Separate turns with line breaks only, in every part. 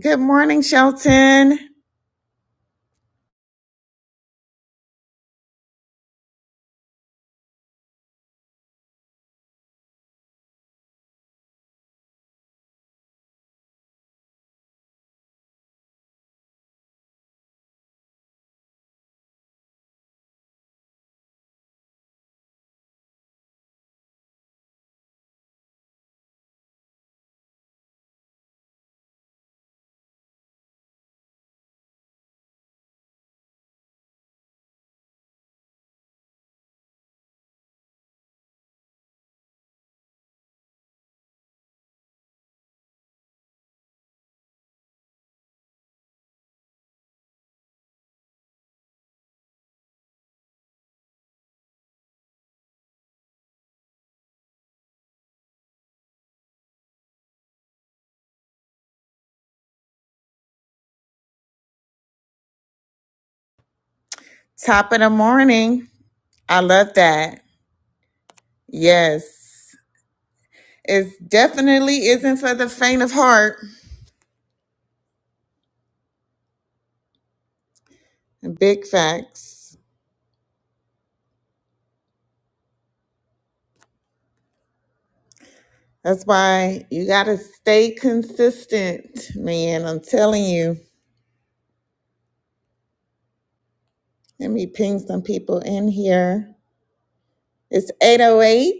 Good morning, Shelton. Top of the morning. I love that. Yes. It definitely isn't for the faint of heart. Big facts. That's why you got to stay consistent, man. I'm telling you. Let me ping some people in here. It's 808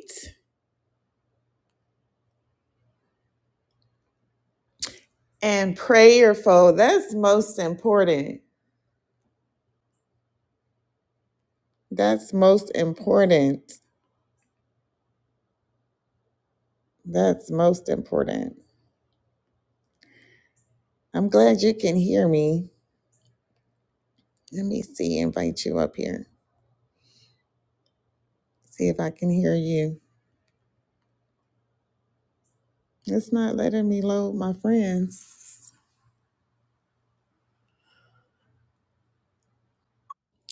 and prayerful. That's most important. That's most important. That's most important. I'm glad you can hear me. Let me see, invite you up here. See if I can hear you. It's not letting me load my friends.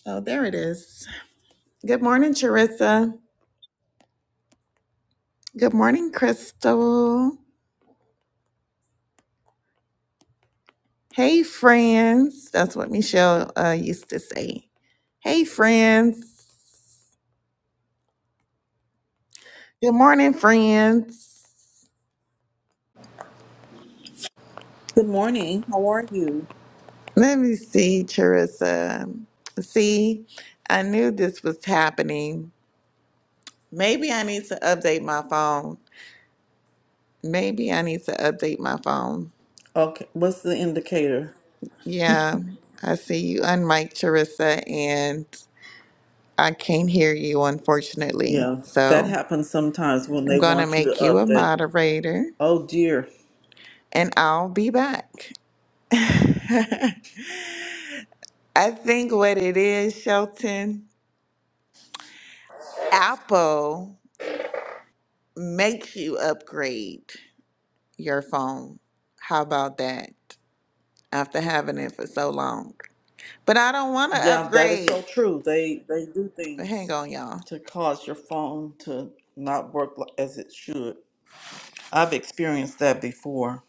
Oh, there it is. Good morning, Charissa. Good morning, Crystal. Hey, friends. That's what Michelle uh, used to say. Hey, friends. Good morning, friends.
Good morning. How are you?
Let me see, Charissa. See, I knew this was happening. Maybe I need to update my phone Maybe I need to update my phone.
Okay, what's the indicator?
Yeah, I see you unmiked, Charissa, and I can't hear you, unfortunately.
Yeah, that
So
happens sometimes when
I'm
they
going to
want you to
make you a
update.
moderator
Oh dear.
and I'll be back. I think what it is, Shelton, Apple makes you upgrade your phone. How about that? After having it for so long. But I don't want to
Yeah, that is so
upgrade.
true. They they do
Hang
things
on, y'all.
to cause your phone to not work li- as it should. I've experienced that before.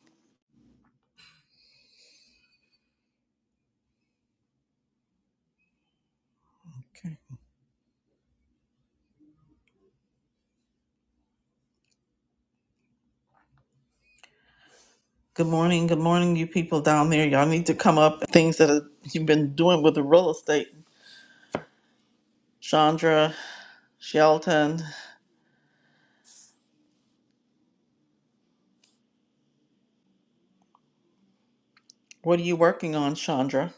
Okay. Good morning. Good morning, you people down there. Y'all need to come up. Things that have- you've been doing with the real estate. Chandra, Shelton, what are you working on, Chandra?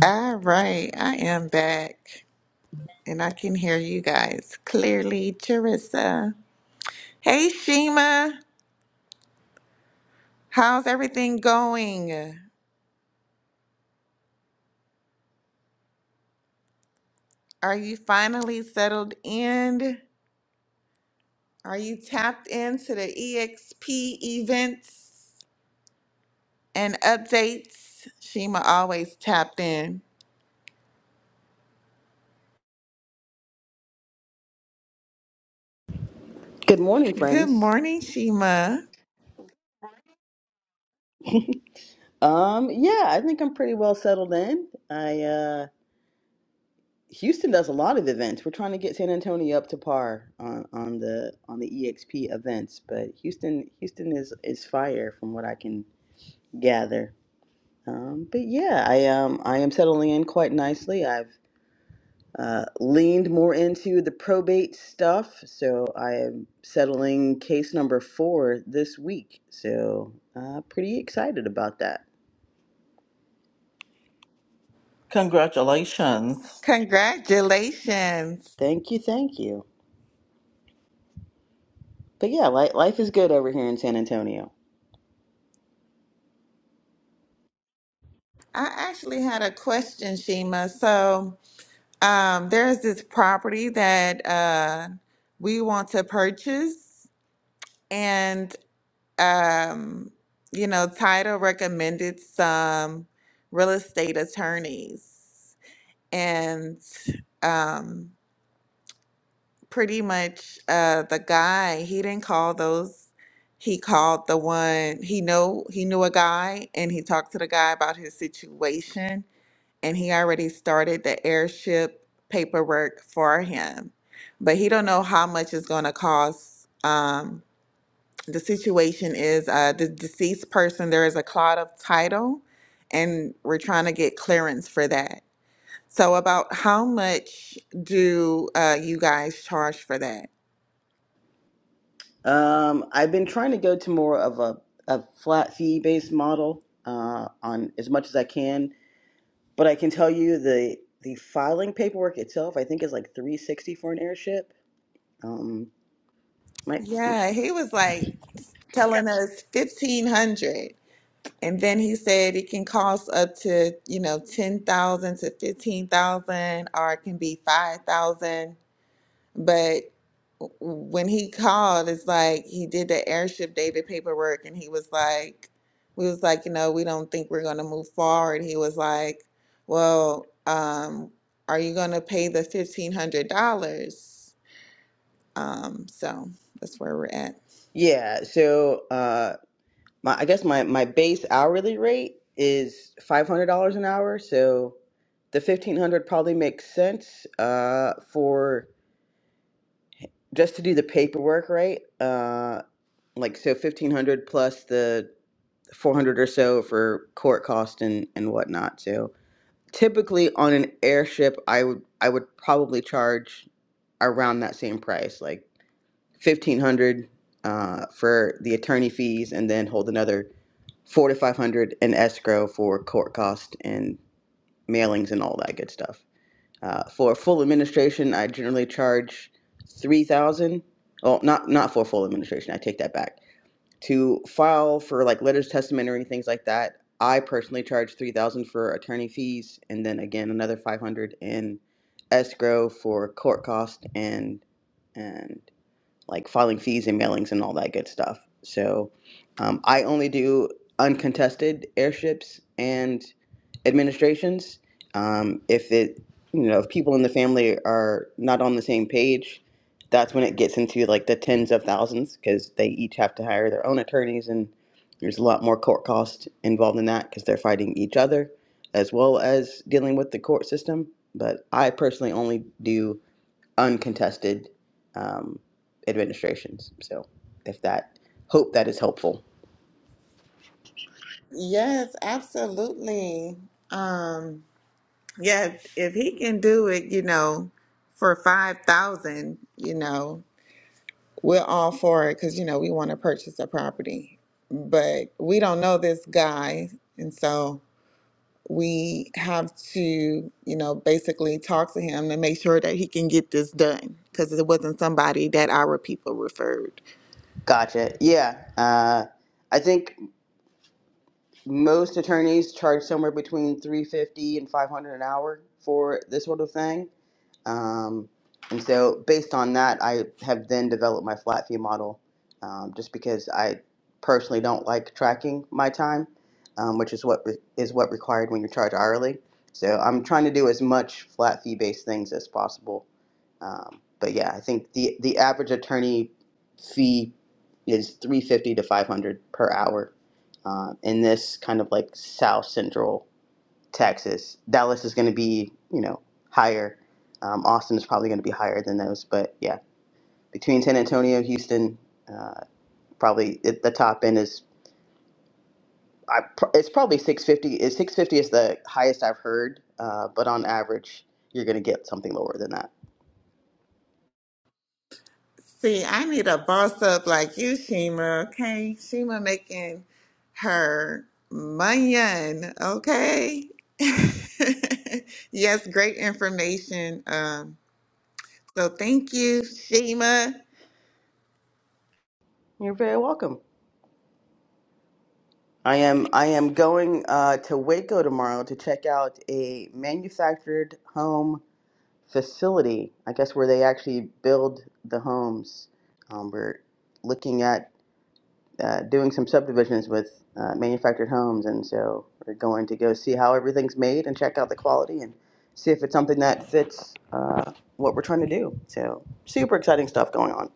All right, I am back and I can hear you guys clearly. Charissa. Hey, Shima. How's everything going? Are you finally settled in? Are you tapped into the EXP events and updates? Shima always tapped in.
Good morning,
Good
friends.
morning, Shima.
Um, yeah, I think I'm pretty well settled in. I uh, Houston does a lot of events. We're trying to get San Antonio up to par on, on the on the EXP events, but Houston Houston is is fire from what I can gather. Um, but yeah, I um I am settling in quite nicely. I've uh, leaned more into the probate stuff, so I am settling case number four this week. So uh, pretty excited about that.
Congratulations.
Congratulations.
Thank you, thank you. But yeah, life, life is good over here in San Antonio.
I actually had a question, Shima. So, Um, there's this property that uh, we want to purchase, and um, you know, title recommended some real estate attorneys, and um, pretty much uh, the guy he didn't call those. He called the one he know he knew a guy, and he talked to the guy about his situation and he already started the airship paperwork for him but he don't know how much it's going to cost um, the situation is uh, the deceased person there is a cloud of title and we're trying to get clearance for that so about how much do uh, you guys charge for that
Um, I've been trying to go to more of a, a flat fee based model uh, on as much as I can. But I can tell you the the filing paperwork itself, I think, is like three sixty for an airship. Um, my
yeah he was like telling us 1500 And then he said it can cost up to, you know, 10,000 to 15,000 or it can be 5,000. But w- when he called, it's like he did the airship David paperwork and he was like, we was like, you know, we don't think we're going to move forward. He was like, well, um, are you going to pay the $1,500? Um, so that's where we're at.
yeah. So uh, my I guess my my base hourly rate is five hundred dollars an hour. So the fifteen hundred probably makes sense uh, for just to do the paperwork right. Uh, like so fifteen hundred plus the four hundred or so for court cost and and whatnot. So typically on an airship, I would I would probably charge around that same price, like fifteen hundred uh, for the attorney fees, and then hold another four to five hundred in escrow for court cost and mailings and all that good stuff. Uh, for full administration, I generally charge three thousand. Well, not not for full administration. I take that back to file for like letters of testamentary things like that i personally charge 3000 for attorney fees and then again another 500 in escrow for court cost and and like filing fees and mailings and all that good stuff. So um, I only do uncontested airships and administrations. Um, if it, you know, if people in the family are not on the same page, that's when it gets into like the tens of thousands because they each have to hire their own attorneys and there's a lot more court cost involved in that because they're fighting each other as well as dealing with the court system. But I personally only do uncontested um, administrations. So, if that, hope that is helpful.
Yes, absolutely. Um, Yes, if if he can do it, you know, for 5,000, you know, we're all for it cuz you know, we want to purchase a property. But we don't know this guy, and so we have to, you know, basically talk to him to make sure that he can get this done cuz it wasn't somebody that our people referred.
Gotcha. Yeah. Uh, I think most attorneys charge somewhere between 350 and 500 an hour for this sort of thing. Um, and so, based on that, I have then developed my flat fee model um, just because I personally don't like tracking my time, um, which is what re- is what required when you charge hourly. So, I'm trying to do as much flat fee based things as possible. Um, but yeah, I think the, the average attorney fee is 350 to 500 per hour uh, in this kind of like South Central Texas. Dallas is going to be, you know, higher. Um, Austin is probably going to be higher than those. But yeah, between San Antonio, Houston, uh, probably at the top end is I, pr- it's probably 650. Is 650 is the highest I've heard, uh, but on average, you're going to get something lower than that.
See, I need a boss up like you, Shima. Okay, Shima making her money. Okay. yes, great information. Um, so thank you, Shima.
You're very welcome. I am I am going uh, to Waco tomorrow to check out a manufactured home facility. I guess where they actually build the homes. Um, we're looking at uh, doing some subdivisions with uh, manufactured homes, and so we're going to go see how everything's made and check out the quality and see if it's something that fits uh, what we're trying to do. So super exciting stuff going on.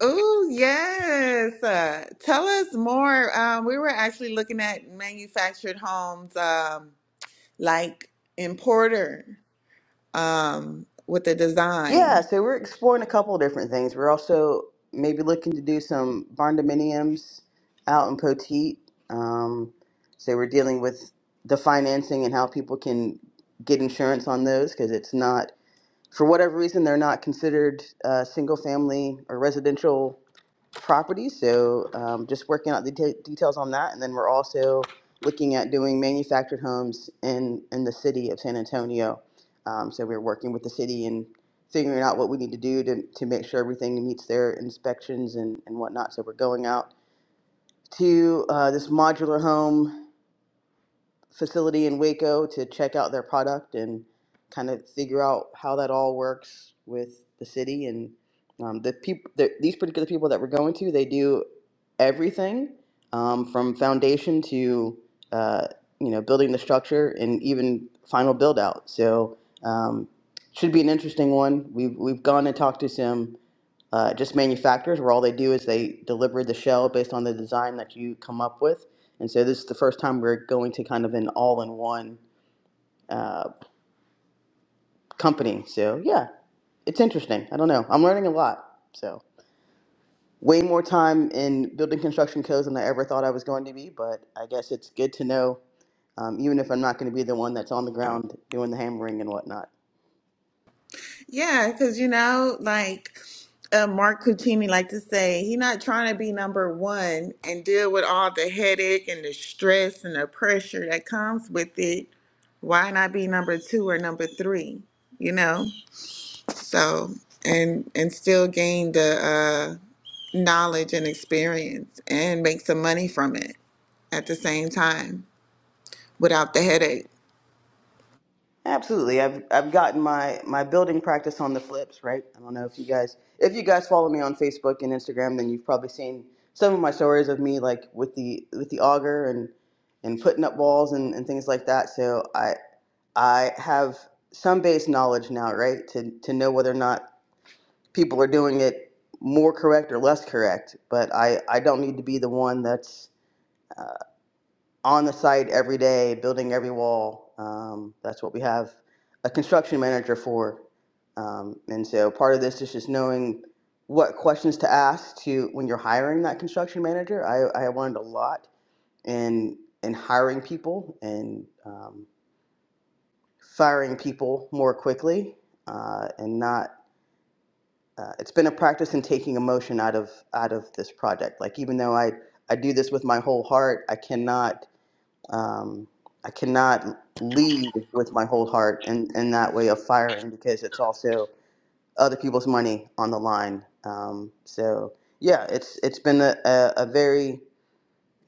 Oh yes, uh, tell us more. Um, we were actually looking at manufactured homes, um, like in Porter, um, with the
Yeah,
design.
so we're exploring a couple of different things. We're also maybe looking to do some barn dominiums out in Poteet. Um, so we're dealing with the financing and how people can get insurance on those because it's not for whatever reason, they're not considered uh, single family or residential properties. So um, just working out the de- details on that. And then we're also looking at doing manufactured homes in, in the city of San Antonio. Um, so we're working with the city and figuring out what we need to do to, to make sure everything meets their inspections and, and whatnot. So we're going out to uh, this modular home facility in Waco to check out their product and kind of figure out how that all works with the city and um, the people. The, these particular people that we're going to, they do everything um, from foundation to uh, you know building the structure and even final build out. So um, should be an interesting one. We've we've gone and talked to some uh, just manufacturers, where all they do is they deliver the shell based on the design that you come up with. And so this is the first time we're going to kind of an all-in-one uh, company. So yeah, it's interesting. I don't know. I'm learning a lot. So way more time in building construction codes than I ever thought I was going to be. But I guess it's good to know, um, even if I'm not going to be the one that's on the ground doing the hammering and whatnot.
Yeah, because you know, like uh, Mark Cucini like to say, he not trying to be number one and deal with all the headache and the stress and the pressure that comes with it. Why not be number two or number three? You know, so and and still gain the uh, knowledge and experience and make some money from it at the same time without the headache.
Absolutely. I've I've gotten my my building practice on the flips, right? I don't know if you guys if you guys follow me on Facebook and Instagram, then you've probably seen some of my stories of me like with the with the auger and and putting up balls and, and things like that. So I I have some base knowledge now, right? To to know whether or not people are doing it more correct or less correct. But I I don't need to be the one that's uh, on the site every day, building every wall. Um, that's what we have a construction manager for. Um, and so part of this is just knowing what questions to ask to when you're hiring that construction manager. I, I learned a lot in in hiring people and um, firing people more quickly uh, and not. Uh, it's been a practice in taking emotion out of out of this project. Like even though I I do this with my whole heart, I cannot um, I cannot lead with my whole heart in, in that way of firing because it's also other people's money on the line. Um, so yeah, it's it's been a, a, a very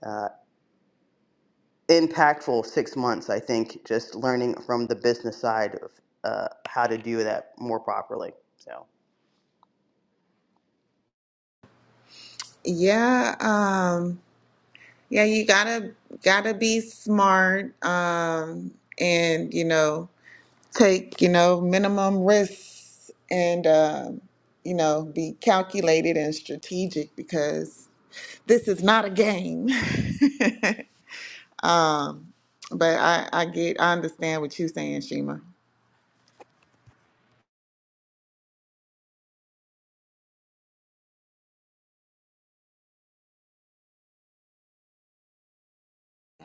uh, impactful six months. I think just learning from the business side of uh, how to do that more properly. So
Yeah, um, Yeah, you gotta gotta be smart, um, and you know, take, you know, minimum risks and um, you know, be calculated and strategic because this is not a game. But I, I get I understand what you're saying, Shima.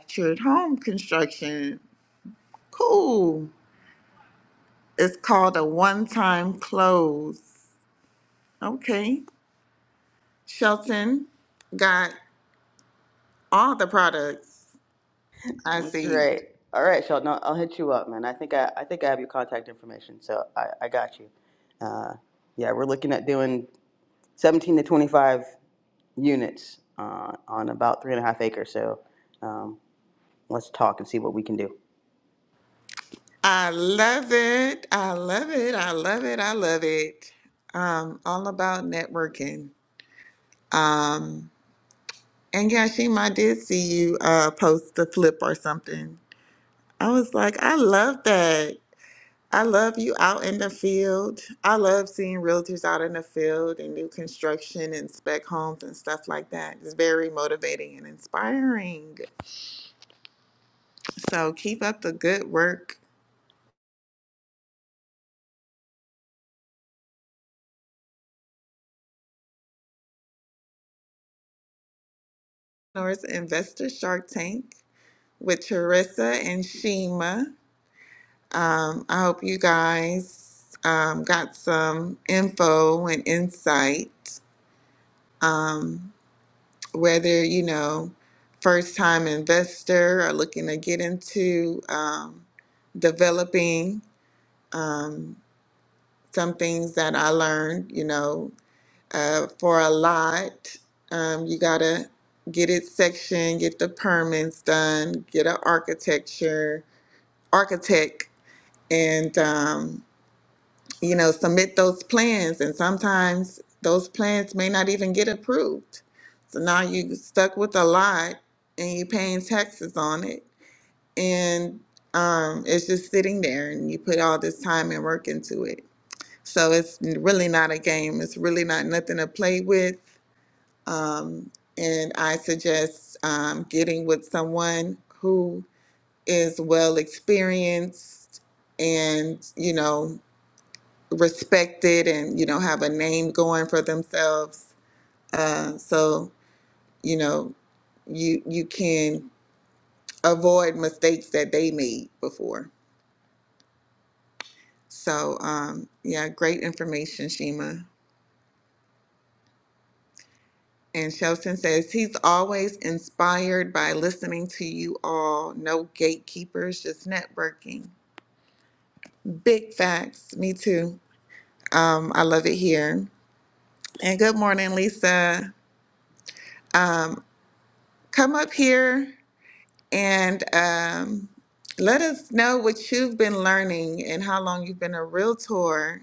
Church home construction. Cool. It's called a one-time close. Okay. Shelton got all the products I
that's
see.
great. All right, Sheldon, I'll I'll hit you up, man. I think I, I think I have your contact information, so I, I got you. Uh, yeah, we're looking at doing 17 to 25 units uh, on about three and a half acres. So um, let's talk and see what we can do.
I love it. I love it. I love it. I love it. Um, all about networking. Um, and Yashim, I did see you uh, post a flip or something. I was like, I love that. I love you out in the field. I love seeing realtors out in the field and new construction and spec homes and stuff like that. It's very motivating and inspiring. So keep up the good work. Norris Investor Shark Tank. with Charissa and Shima. Um, I hope you guys um, got some info and insight, whether you know, first time investor or looking to get into um, developing um, some things that I learned, you know, uh, for a lot. Um, you gotta get it sectioned, get the permits done, get an architecture, architect, and um, you know, submit those plans, and sometimes those plans may not even get approved. So now you stuck with a lot, and you paying taxes on it, and um, it's just sitting there, and you put all this time and work into it. So it's really not a game. It's really not nothing to play with. Um, and I suggest um, getting with someone who is well experienced and you know respected and you know have a name going for themselves uh, so you know you you can avoid mistakes that they made before so um, yeah great information shima and shelton says he's always inspired by listening to you all no gatekeepers just networking big facts me too um, i love it here and good morning lisa um, come up here And um, let us know what you've been learning and how long you've been a realtor,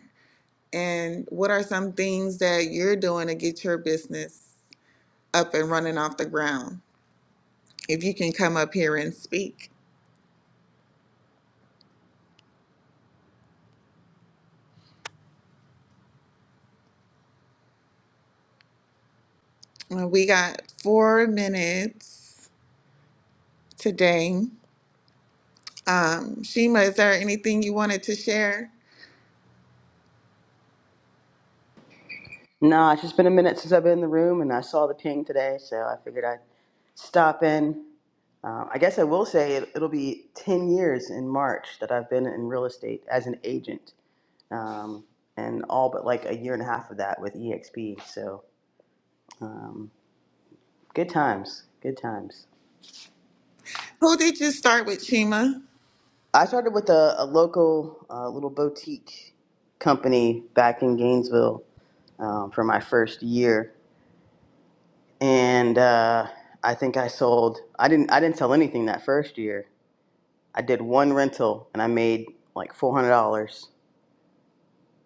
and what are some things that you're doing to get your business up and running off the ground. If you can come up here and speak, Uh, we got four minutes today. Um, Shima, is there anything you wanted to share?
Nah, it's just been a minute since I've been in the room, and I saw the ping today, so I figured I'd stop in. Um, I guess I will say it, it'll be 10 years in March that I've been in real estate as an agent, um, and all but like a year and a half of that with EXP. So um, good times, good times.
Who did you start with, Shima?
I started with a, a local uh, little boutique company back in Gainesville um, for my first year, and uh, I think I sold. I didn't. I didn't sell anything that first year. I did one rental, and I made like four hundred dollars.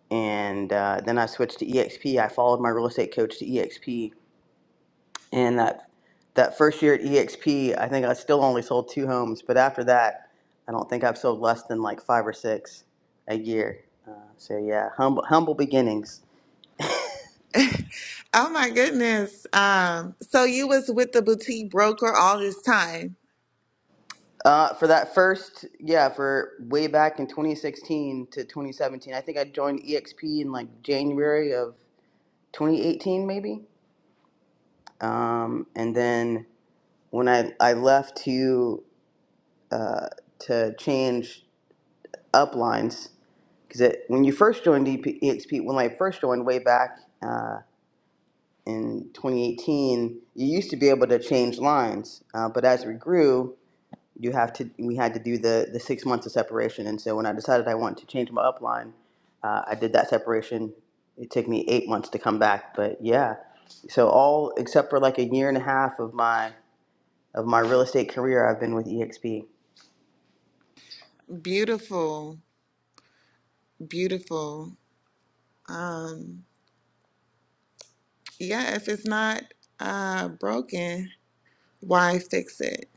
And uh, then I switched to EXP. I followed my real estate coach to EXP, and that that first year at EXP, I think I still only sold two homes. But after that, I don't think I've sold less than like five or six a year. Uh, so yeah, humble humble beginnings.
Oh my goodness. Um, so you was with the boutique broker all this time.
Uh, for that first, yeah, for way back in 2016 to 2017, I think I joined EXP in like January of 2018, maybe. Um, and then when I, I left to uh, to change uplines, because when you first joined EP, EXP, when I first joined way back uh, in 2018, you used to be able to change lines, uh, but as we grew, you have to we had to do the the six months of separation and so when i decided i wanted to change my upline uh, i did that separation it took me eight months to come back but yeah so all except for like a year and a half of my of my real estate career i've been with exp
Beautiful. Beautiful. Yeah, if it's not uh, broken, why fix it?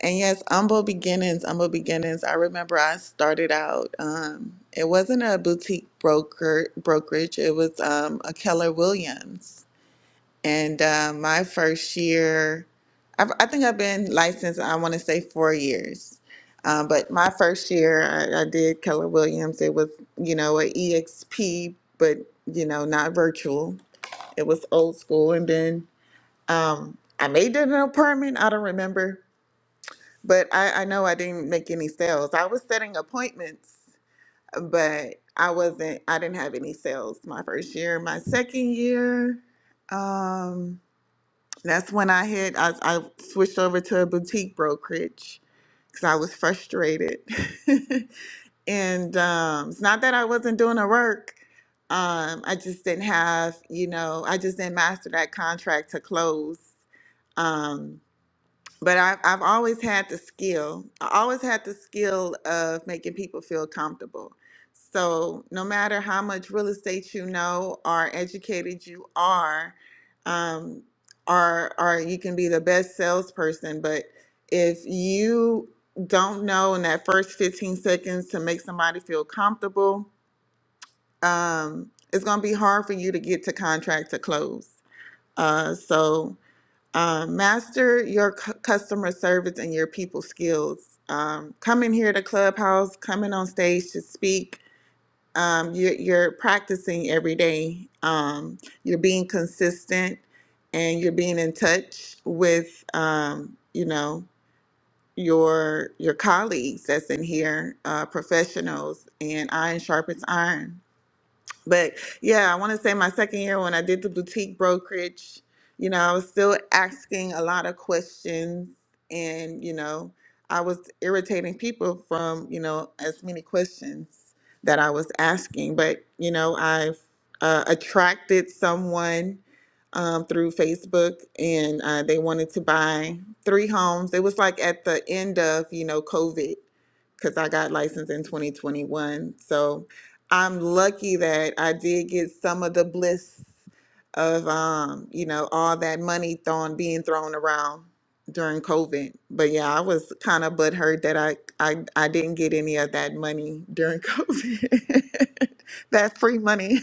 And yes, humble beginnings, humble beginnings. I remember I started out, um, it wasn't a boutique broker brokerage, it was um, a Keller Williams. And uh, my first year, I've, I think I've been licensed, I want to say four years. Um, but my first year, I, I did Keller Williams. It was, you know, a EXP, but, you know, not virtual. It was old school. And then um, I made it an apartment. I don't remember, but I, I know I didn't make any sales. I was setting appointments, but I wasn't, I didn't have any sales my first year. My second year, um, that's when I hit, I, I switched over to a boutique brokerage because I was frustrated. And um, it's not that I wasn't doing the work. Um, I just didn't have, you know, I just didn't master that contract to close. Um, but I, I've always had the skill. I always had the skill of making people feel comfortable. So no matter how much real estate you know or educated you are, um, or or you can be the best salesperson, but if you don't know in that first 15 seconds to make somebody feel comfortable, um, it's gonna be hard for you to get to contract to close. Uh, so um, master your cu- customer service and your people skills. Um, coming here to Clubhouse, coming on stage to speak, um, you're, you're practicing every day. Um, you're being consistent and you're being in touch with, um, you know, your your colleagues that's in here, uh, professionals, and iron sharpens iron but yeah, I want to say my second year when I did the boutique brokerage, you know, I was still asking a lot of questions and, you know, I was irritating people from, you know, as many questions that I was asking. But, you know, I've uh, attracted someone um, through Facebook and uh, they wanted to buy three homes. It was like at the end of, you know, COVID because I got licensed in 2021. So, I'm lucky that I did get some of the bliss of um, you know, all that money thrown being thrown around during COVID. But yeah, I was kind of butthurt that I, I I didn't get any of that money during COVID. that free money.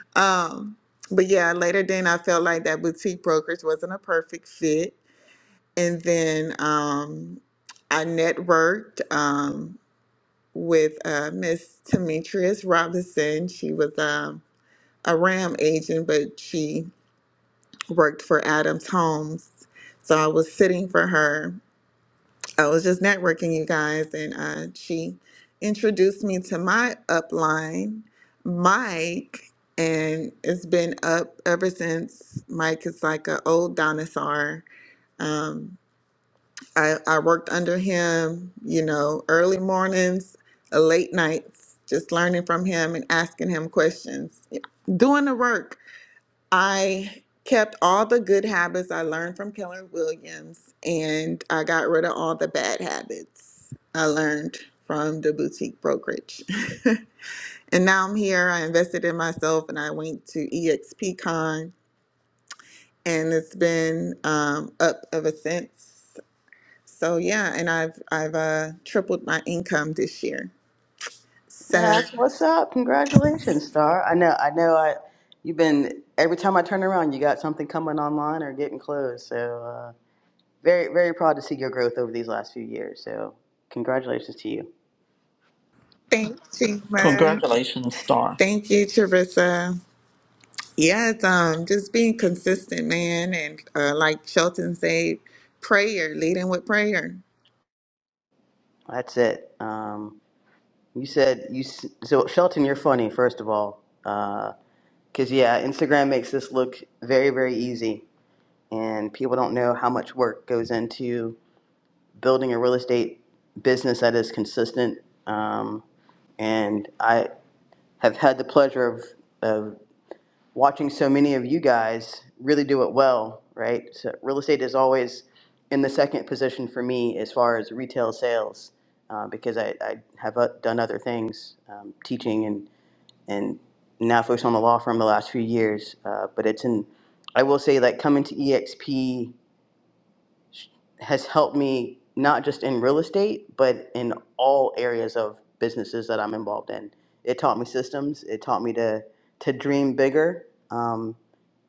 um, but yeah, later then I felt like that boutique brokerage wasn't a perfect fit. And then um I networked. Um, with uh, Miss Demetrius Robinson. She was um, a RAM agent, but she worked for Adams Homes. So I was sitting for her. I was just networking, you guys, and uh, she introduced me to my upline, Mike, and it's been up ever since. Mike is like an old dinosaur. Um, I, I worked under him, you know, early mornings, uh, late nights, just learning from him and asking him questions, doing the work. I kept all the good habits I learned from Keller Williams, and I got rid of all the bad habits I learned from the boutique brokerage. and now I'm here. I invested in myself, and I went to EXPCon, and it's been um, up ever since. So yeah, and I've I've uh, tripled my income this year. So
that's what's up congratulations star i know i know i you've been every time i turn around you got something coming online or getting close so uh, very very proud to see your growth over these last few years so congratulations to you
thank you, man.
Congratulations, Star.
Thank you, Charissa. Yeah, it's um just being consistent, man, and uh, like Shelton said, prayer, leading with prayer,
that's it. Um, You said you s- so Shelton. You're funny, first of all, because yeah, Instagram makes this look very, very easy, and people don't know how much work goes into building a real estate business that is consistent. Um, and I have had the pleasure of of watching so many of you guys really do it well. Right, so real estate is always in the second position for me as far as retail sales, uh, because I, I have uh, done other things, um, teaching and and now focused on the law firm the last few years. Uh, but it's an, I will say like coming to EXP has helped me not just in real estate, but in all areas of businesses that I'm involved in. It taught me systems. It taught me to to dream bigger, um,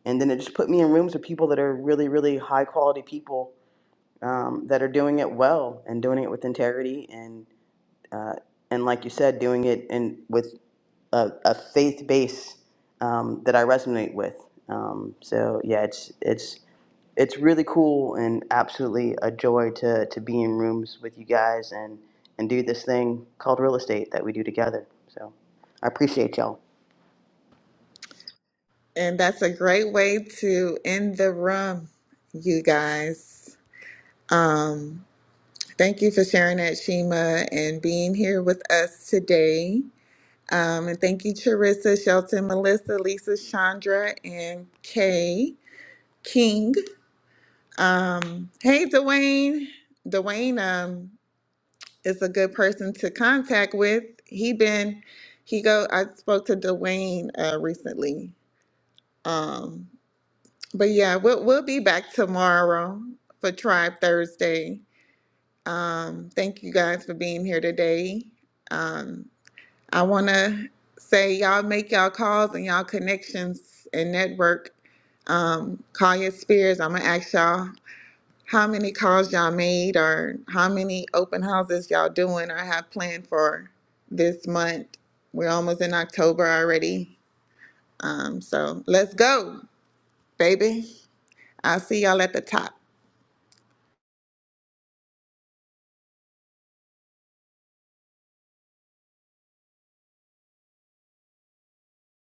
and then it just put me in rooms with people that are really, really high quality people um, that are doing it well and doing it with integrity and uh, and like you said, doing it and with a, a faith base um, that I resonate with. Um, so yeah, it's it's it's really cool and absolutely a joy to to be in rooms with you guys and and do this thing called real estate that we do together. So I appreciate y'all.
and that's a great way to end the room, you guys. Um, thank you for sharing that, Shima, and being here with us today. Um, and thank you, Charissa, Shelton, Melissa, Lisa, Chandra, and Kay King. Um, hey, Dwayne. Dwayne um, is a good person to contact with. He been he go. I spoke to Dwayne uh, recently. Um, but yeah, we'll we'll be back tomorrow for Tribe Thursday. Um, thank you guys for being here today. Um, I want to say y'all make y'all calls and y'all connections and network. Um, call your spheres. I'm gonna ask y'all how many calls y'all made or how many open houses y'all doing or have planned for this month. We're almost in October already. Um, so let's go, baby. I'll see y'all at the top.